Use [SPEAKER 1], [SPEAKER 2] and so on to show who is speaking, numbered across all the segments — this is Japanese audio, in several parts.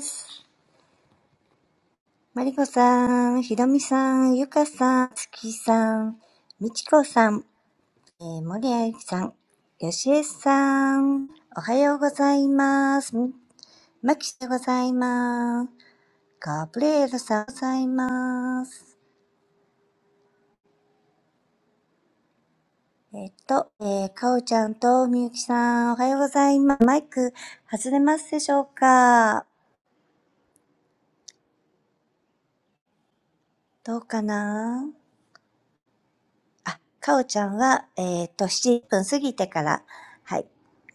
[SPEAKER 1] す。マリコさん、ひろみさん、ゆかさん、つきさん、みちこさん、えー、森あゆきさん、よしえさん、おはようございます。マまきでございます。ガブレエルさんございます。えっと、えー、かおちゃんとみゆきさん、おはようございます。マイク外れますでしょうかどうかなあ、かおちゃんは、えっと、7分過ぎてから、はい、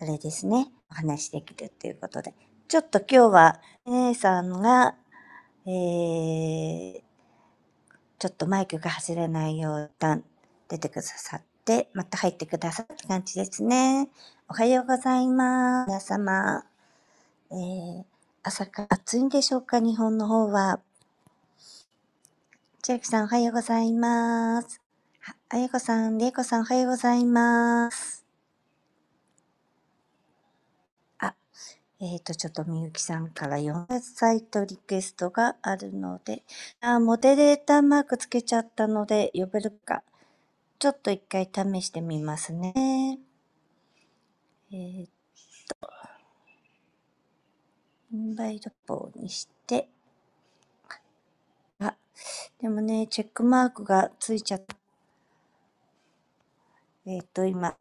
[SPEAKER 1] あれですね、お話しできるっていうことで。ちょっと今日は、姉さんが、えー、ちょっとマイクが外れないよう、一旦出てくださって、また入ってくださった感じですね。おはようございます。皆様。えー、朝から暑いんでしょうか日本の方は。千秋さんおはようございます。ああやこさん、りえこさんおはようございます。あ、えっと、ちょっとみゆきさんから4サイトリクエストがあるので、あー、モデレーターマークつけちゃったので呼べるか、ちょっと一回試してみますね。えー、インバイトポーにして、あ、でもね、チェックマークがついちゃった。えっ、と、今、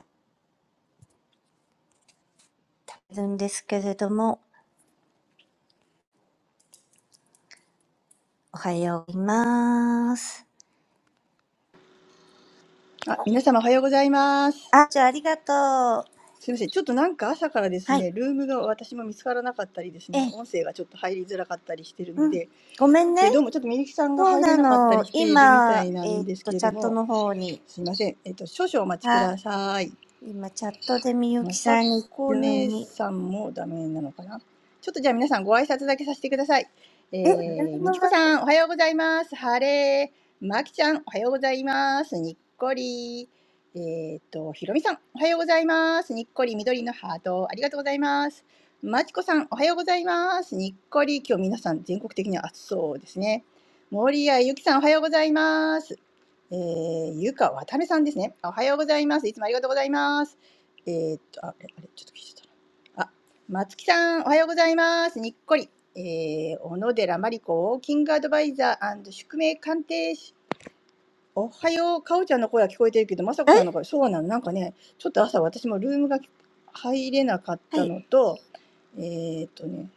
[SPEAKER 1] いるんですけれども、おはようございます。
[SPEAKER 2] あ、皆様おはようございます。
[SPEAKER 1] あ、じゃあありがとう。は
[SPEAKER 2] すいません。ちょっとなんか朝からです
[SPEAKER 1] い。
[SPEAKER 2] ね、ルームが私も見つからなかったりですね、
[SPEAKER 1] ええ、
[SPEAKER 2] 音声がちょっと入りづらかったりしてるの
[SPEAKER 1] うん。
[SPEAKER 2] で、
[SPEAKER 1] ごめんね。
[SPEAKER 2] で、どうもちょっとみゆきさんが
[SPEAKER 1] そう
[SPEAKER 2] 入れ
[SPEAKER 1] な
[SPEAKER 2] なかった
[SPEAKER 1] の。
[SPEAKER 2] りしているみた
[SPEAKER 1] 今、
[SPEAKER 2] いな
[SPEAKER 1] えっ、
[SPEAKER 2] んです
[SPEAKER 1] と、
[SPEAKER 2] けれ
[SPEAKER 1] チ
[SPEAKER 2] ど
[SPEAKER 1] ャット
[SPEAKER 2] も、
[SPEAKER 1] の方に
[SPEAKER 2] すいません。えっと、少々お待ちく
[SPEAKER 1] はい。
[SPEAKER 2] ださい。
[SPEAKER 1] 今、チャットでみゆ
[SPEAKER 2] ま
[SPEAKER 1] き
[SPEAKER 2] さ
[SPEAKER 1] さんに
[SPEAKER 2] こ
[SPEAKER 1] 急
[SPEAKER 2] 姉
[SPEAKER 1] に。
[SPEAKER 2] さんもダメなのかなちょっとじゃあ皆さんご挨拶だけさせてください。
[SPEAKER 1] え、ズー
[SPEAKER 2] えー、
[SPEAKER 1] ム
[SPEAKER 2] みちこさん、おはようございます。晴れ。まきちゃん、おはようございます。にっこり。えーっと、ひろみさん、おはようございます。にっこり、緑のハート、ありがとうございます。まちこさん、おはようございます。にっこり、今日皆さん全国的に暑そうですね。森谷ゆきさん、おはようございます。えー、ゆかわためさんですね。おはようございます。いつもありがとうございます。えーっと、あ、あれ、あれ、ちょっと聞いてたな。あ、松木さん、おはようございます。にっこり。えー、小野寺真理子、キングアドバイザー宿命鑑定士。おはよう。かおちゃんの声は聞こえてるけど、まさ
[SPEAKER 1] え
[SPEAKER 2] こさんの声、そうなの。なんかね、ちょっと朝私もルームが入れなかっ
[SPEAKER 1] は
[SPEAKER 2] たの
[SPEAKER 1] い。
[SPEAKER 2] と、えーっとね、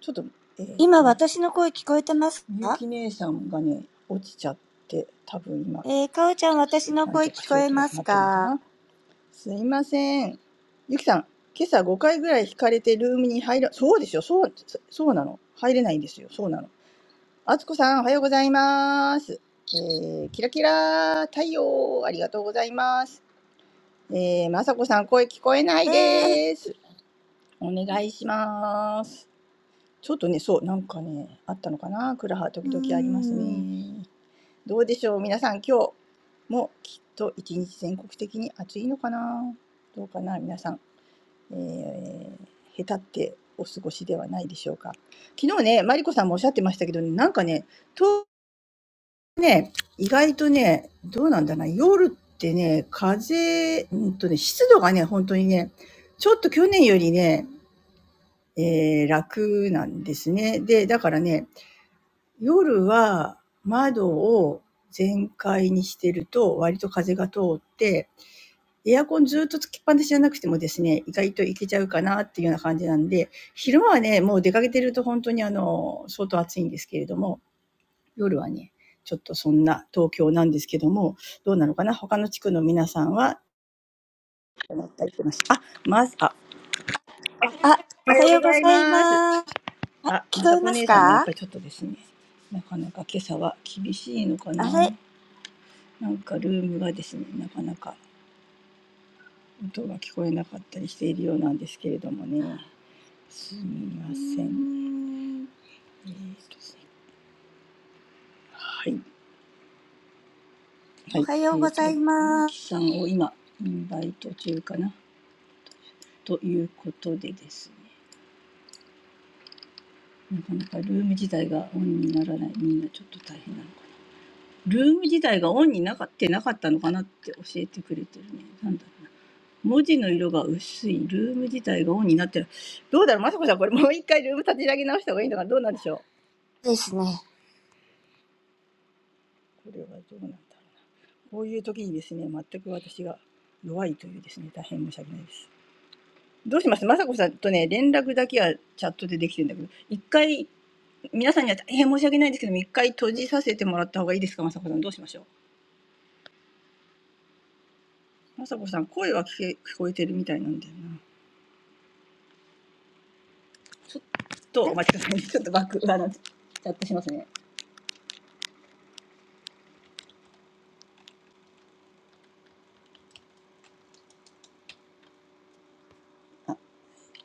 [SPEAKER 2] ちょっと、えーっ
[SPEAKER 1] 今、
[SPEAKER 2] とね、
[SPEAKER 1] 私の声聞こえてます
[SPEAKER 2] みゆ
[SPEAKER 1] か
[SPEAKER 2] き姉さんがね、落ちちゃって、多分今、
[SPEAKER 1] えー、かおちゃん、私の
[SPEAKER 2] なん
[SPEAKER 1] 声
[SPEAKER 2] とか
[SPEAKER 1] 聞
[SPEAKER 2] し
[SPEAKER 1] こ
[SPEAKER 2] よう
[SPEAKER 1] えま
[SPEAKER 2] と
[SPEAKER 1] す
[SPEAKER 2] なってるのか
[SPEAKER 1] か
[SPEAKER 2] な。すいません。ゆきさん、今朝5回ぐらい引かれてルームに入ら、そうでしょ、そう、そそうなの。入れないんですよ、そうなの。あつこさん、おはようございます。えー、キラキラ太陽、ありがとうございます。えー、まさこさん、声聞こえない
[SPEAKER 1] えー、
[SPEAKER 2] です。お願いします。ちょっとね、そう、なんかね、あったのかな。クラハ、
[SPEAKER 1] うー
[SPEAKER 2] 時々あります
[SPEAKER 1] ん。
[SPEAKER 2] ね。どうでしょう、皆さん、今日もきっと一日全国的に暑いのかな。どうかな、皆さん。えー、へたってお過ごしではないでしょうか。昨日ね、マリコさんもおっしゃってましたけど、ねなんかね、と意外とね、どうなんだな、夜ってね、風、うんとね、湿度がね、本当にね、ちょっと去年よりね、えー楽なんですね。で、だからね、夜は窓を全開にしてると、割と風が通って、エアコンずっとつきっぱなしじゃなくてもですね、意外といけちゃうかなっていうような感じなんで、昼間はね、もう出かけてると本当にあの、相当暑いんですけれども、夜はね、ちょっとそんな東京なんですけども、どうなのかな他の地区の皆さんは、どったりしてますあ、まず、あ、
[SPEAKER 1] あ、
[SPEAKER 2] お
[SPEAKER 1] お
[SPEAKER 2] は
[SPEAKER 1] は
[SPEAKER 2] よう
[SPEAKER 1] よ
[SPEAKER 2] ご
[SPEAKER 1] うご
[SPEAKER 2] ざい
[SPEAKER 1] ざい
[SPEAKER 2] ます。
[SPEAKER 1] ます。あ、
[SPEAKER 2] あ、
[SPEAKER 1] 聞
[SPEAKER 2] ま
[SPEAKER 1] こ
[SPEAKER 2] さ
[SPEAKER 1] え
[SPEAKER 2] こ
[SPEAKER 1] ます
[SPEAKER 2] 姉さんもやっ
[SPEAKER 1] か
[SPEAKER 2] ぱりちょっとですね、なかなか今朝は厳しいのか
[SPEAKER 1] あ
[SPEAKER 2] な。
[SPEAKER 1] れ
[SPEAKER 2] なんかルームがですね、なかなか音が聞こえなかったりしているようなんですけれどもね。すみ
[SPEAKER 1] うー
[SPEAKER 2] ません。
[SPEAKER 1] ん。
[SPEAKER 2] えっ、ーとすみません、はい。は
[SPEAKER 1] お
[SPEAKER 2] い。
[SPEAKER 1] はよ
[SPEAKER 2] え
[SPEAKER 1] う
[SPEAKER 2] っ、
[SPEAKER 1] ご
[SPEAKER 2] ーと、
[SPEAKER 1] ざ
[SPEAKER 2] み
[SPEAKER 1] います。
[SPEAKER 2] きさんを今、インバイト中かな。ということでですね。なかなかルーム自体がオンにならない。みんなちょっと大変なのかな。ルーム自体がオンになかってなかったのかなって教えてくれてるね。なんだろうな。文字の色が薄い。ルーム自体がオンになってる。どうだろうまさこさん、これもう一回ルーム立ち上げ直した方がいいのかなどうなんでしょう
[SPEAKER 1] ですね。
[SPEAKER 2] これはどうなんだろうな。こういう時にですね、全く私が弱いというですね、大変申し訳ないです。どうします雅子さんとね、連絡だけはチャットでできてるんだけど、一回、皆さんには大変申し訳ないんですけども、一回閉じさせてもらった方がいいですか、雅子さん。どうしましょう。雅子さん、声は聞け聞こえてるみたいなんだよな。ちょっと
[SPEAKER 1] は
[SPEAKER 2] お
[SPEAKER 1] い。
[SPEAKER 2] 待ちくださいね。ちょっとバック、あの、チャットしますね。あ、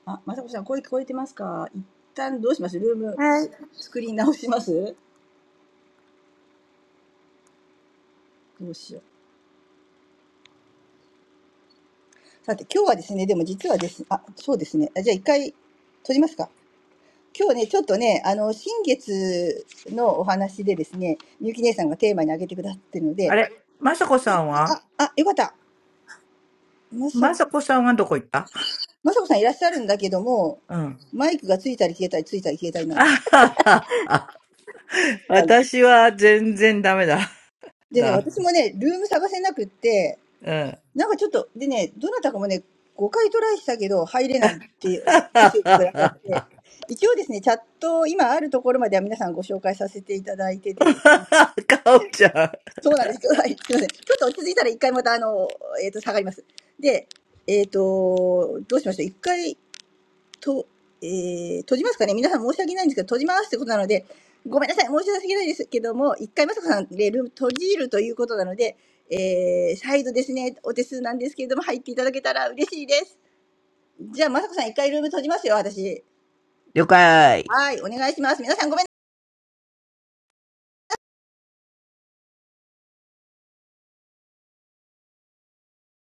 [SPEAKER 2] あ雅子さん、声聞こえてますか一旦どうしますルーム
[SPEAKER 1] はい。
[SPEAKER 2] 作り直しますどうしよう。さて、今日はですね、でも実はですねあ、そうですね。あじゃあ一回閉じますか。今日ね、ちょっとね、あの、新月のお話でですね、みゆき姉さんがテーマに挙げてくださってるので、あ、あ、あ、よかった。まさ、まさこさんいらっしゃるんだけども、マイクがついたり消えたり、ついたり消えたりなんです。はい
[SPEAKER 3] あれ、まさこさんはまさこさんはどこ行ったうん。あははは。私は全然ダメだ。だ。うん。あははは。かおちゃん。了解。
[SPEAKER 2] でね、私もね、ルーム探せなくって、なんかちょっと、でね、どなたかもね、5回トライしたけど入れないってメッセージくださって、一応ですね、チャット、今あるところまでは皆さんご紹介させていただいててですね。そうなんです。はい、すいません。ちょっと落ち着いたら一回また、あの、えっ、と、下がります。で、えっ、と、どうしましょう。一回と、えー、閉じますかね皆さん申し訳ないんですけど、閉じますってことなので、ごめんなさい、申し訳ないですけども、一回まさこさんでルーム閉じるということなので、えー、再度ですね、お手数なんですけれども、入っていただけたら嬉しいです。じゃあ、まさこさん一回ルーム閉じますよ、私。はい、お願いします。皆さんごめんなさい。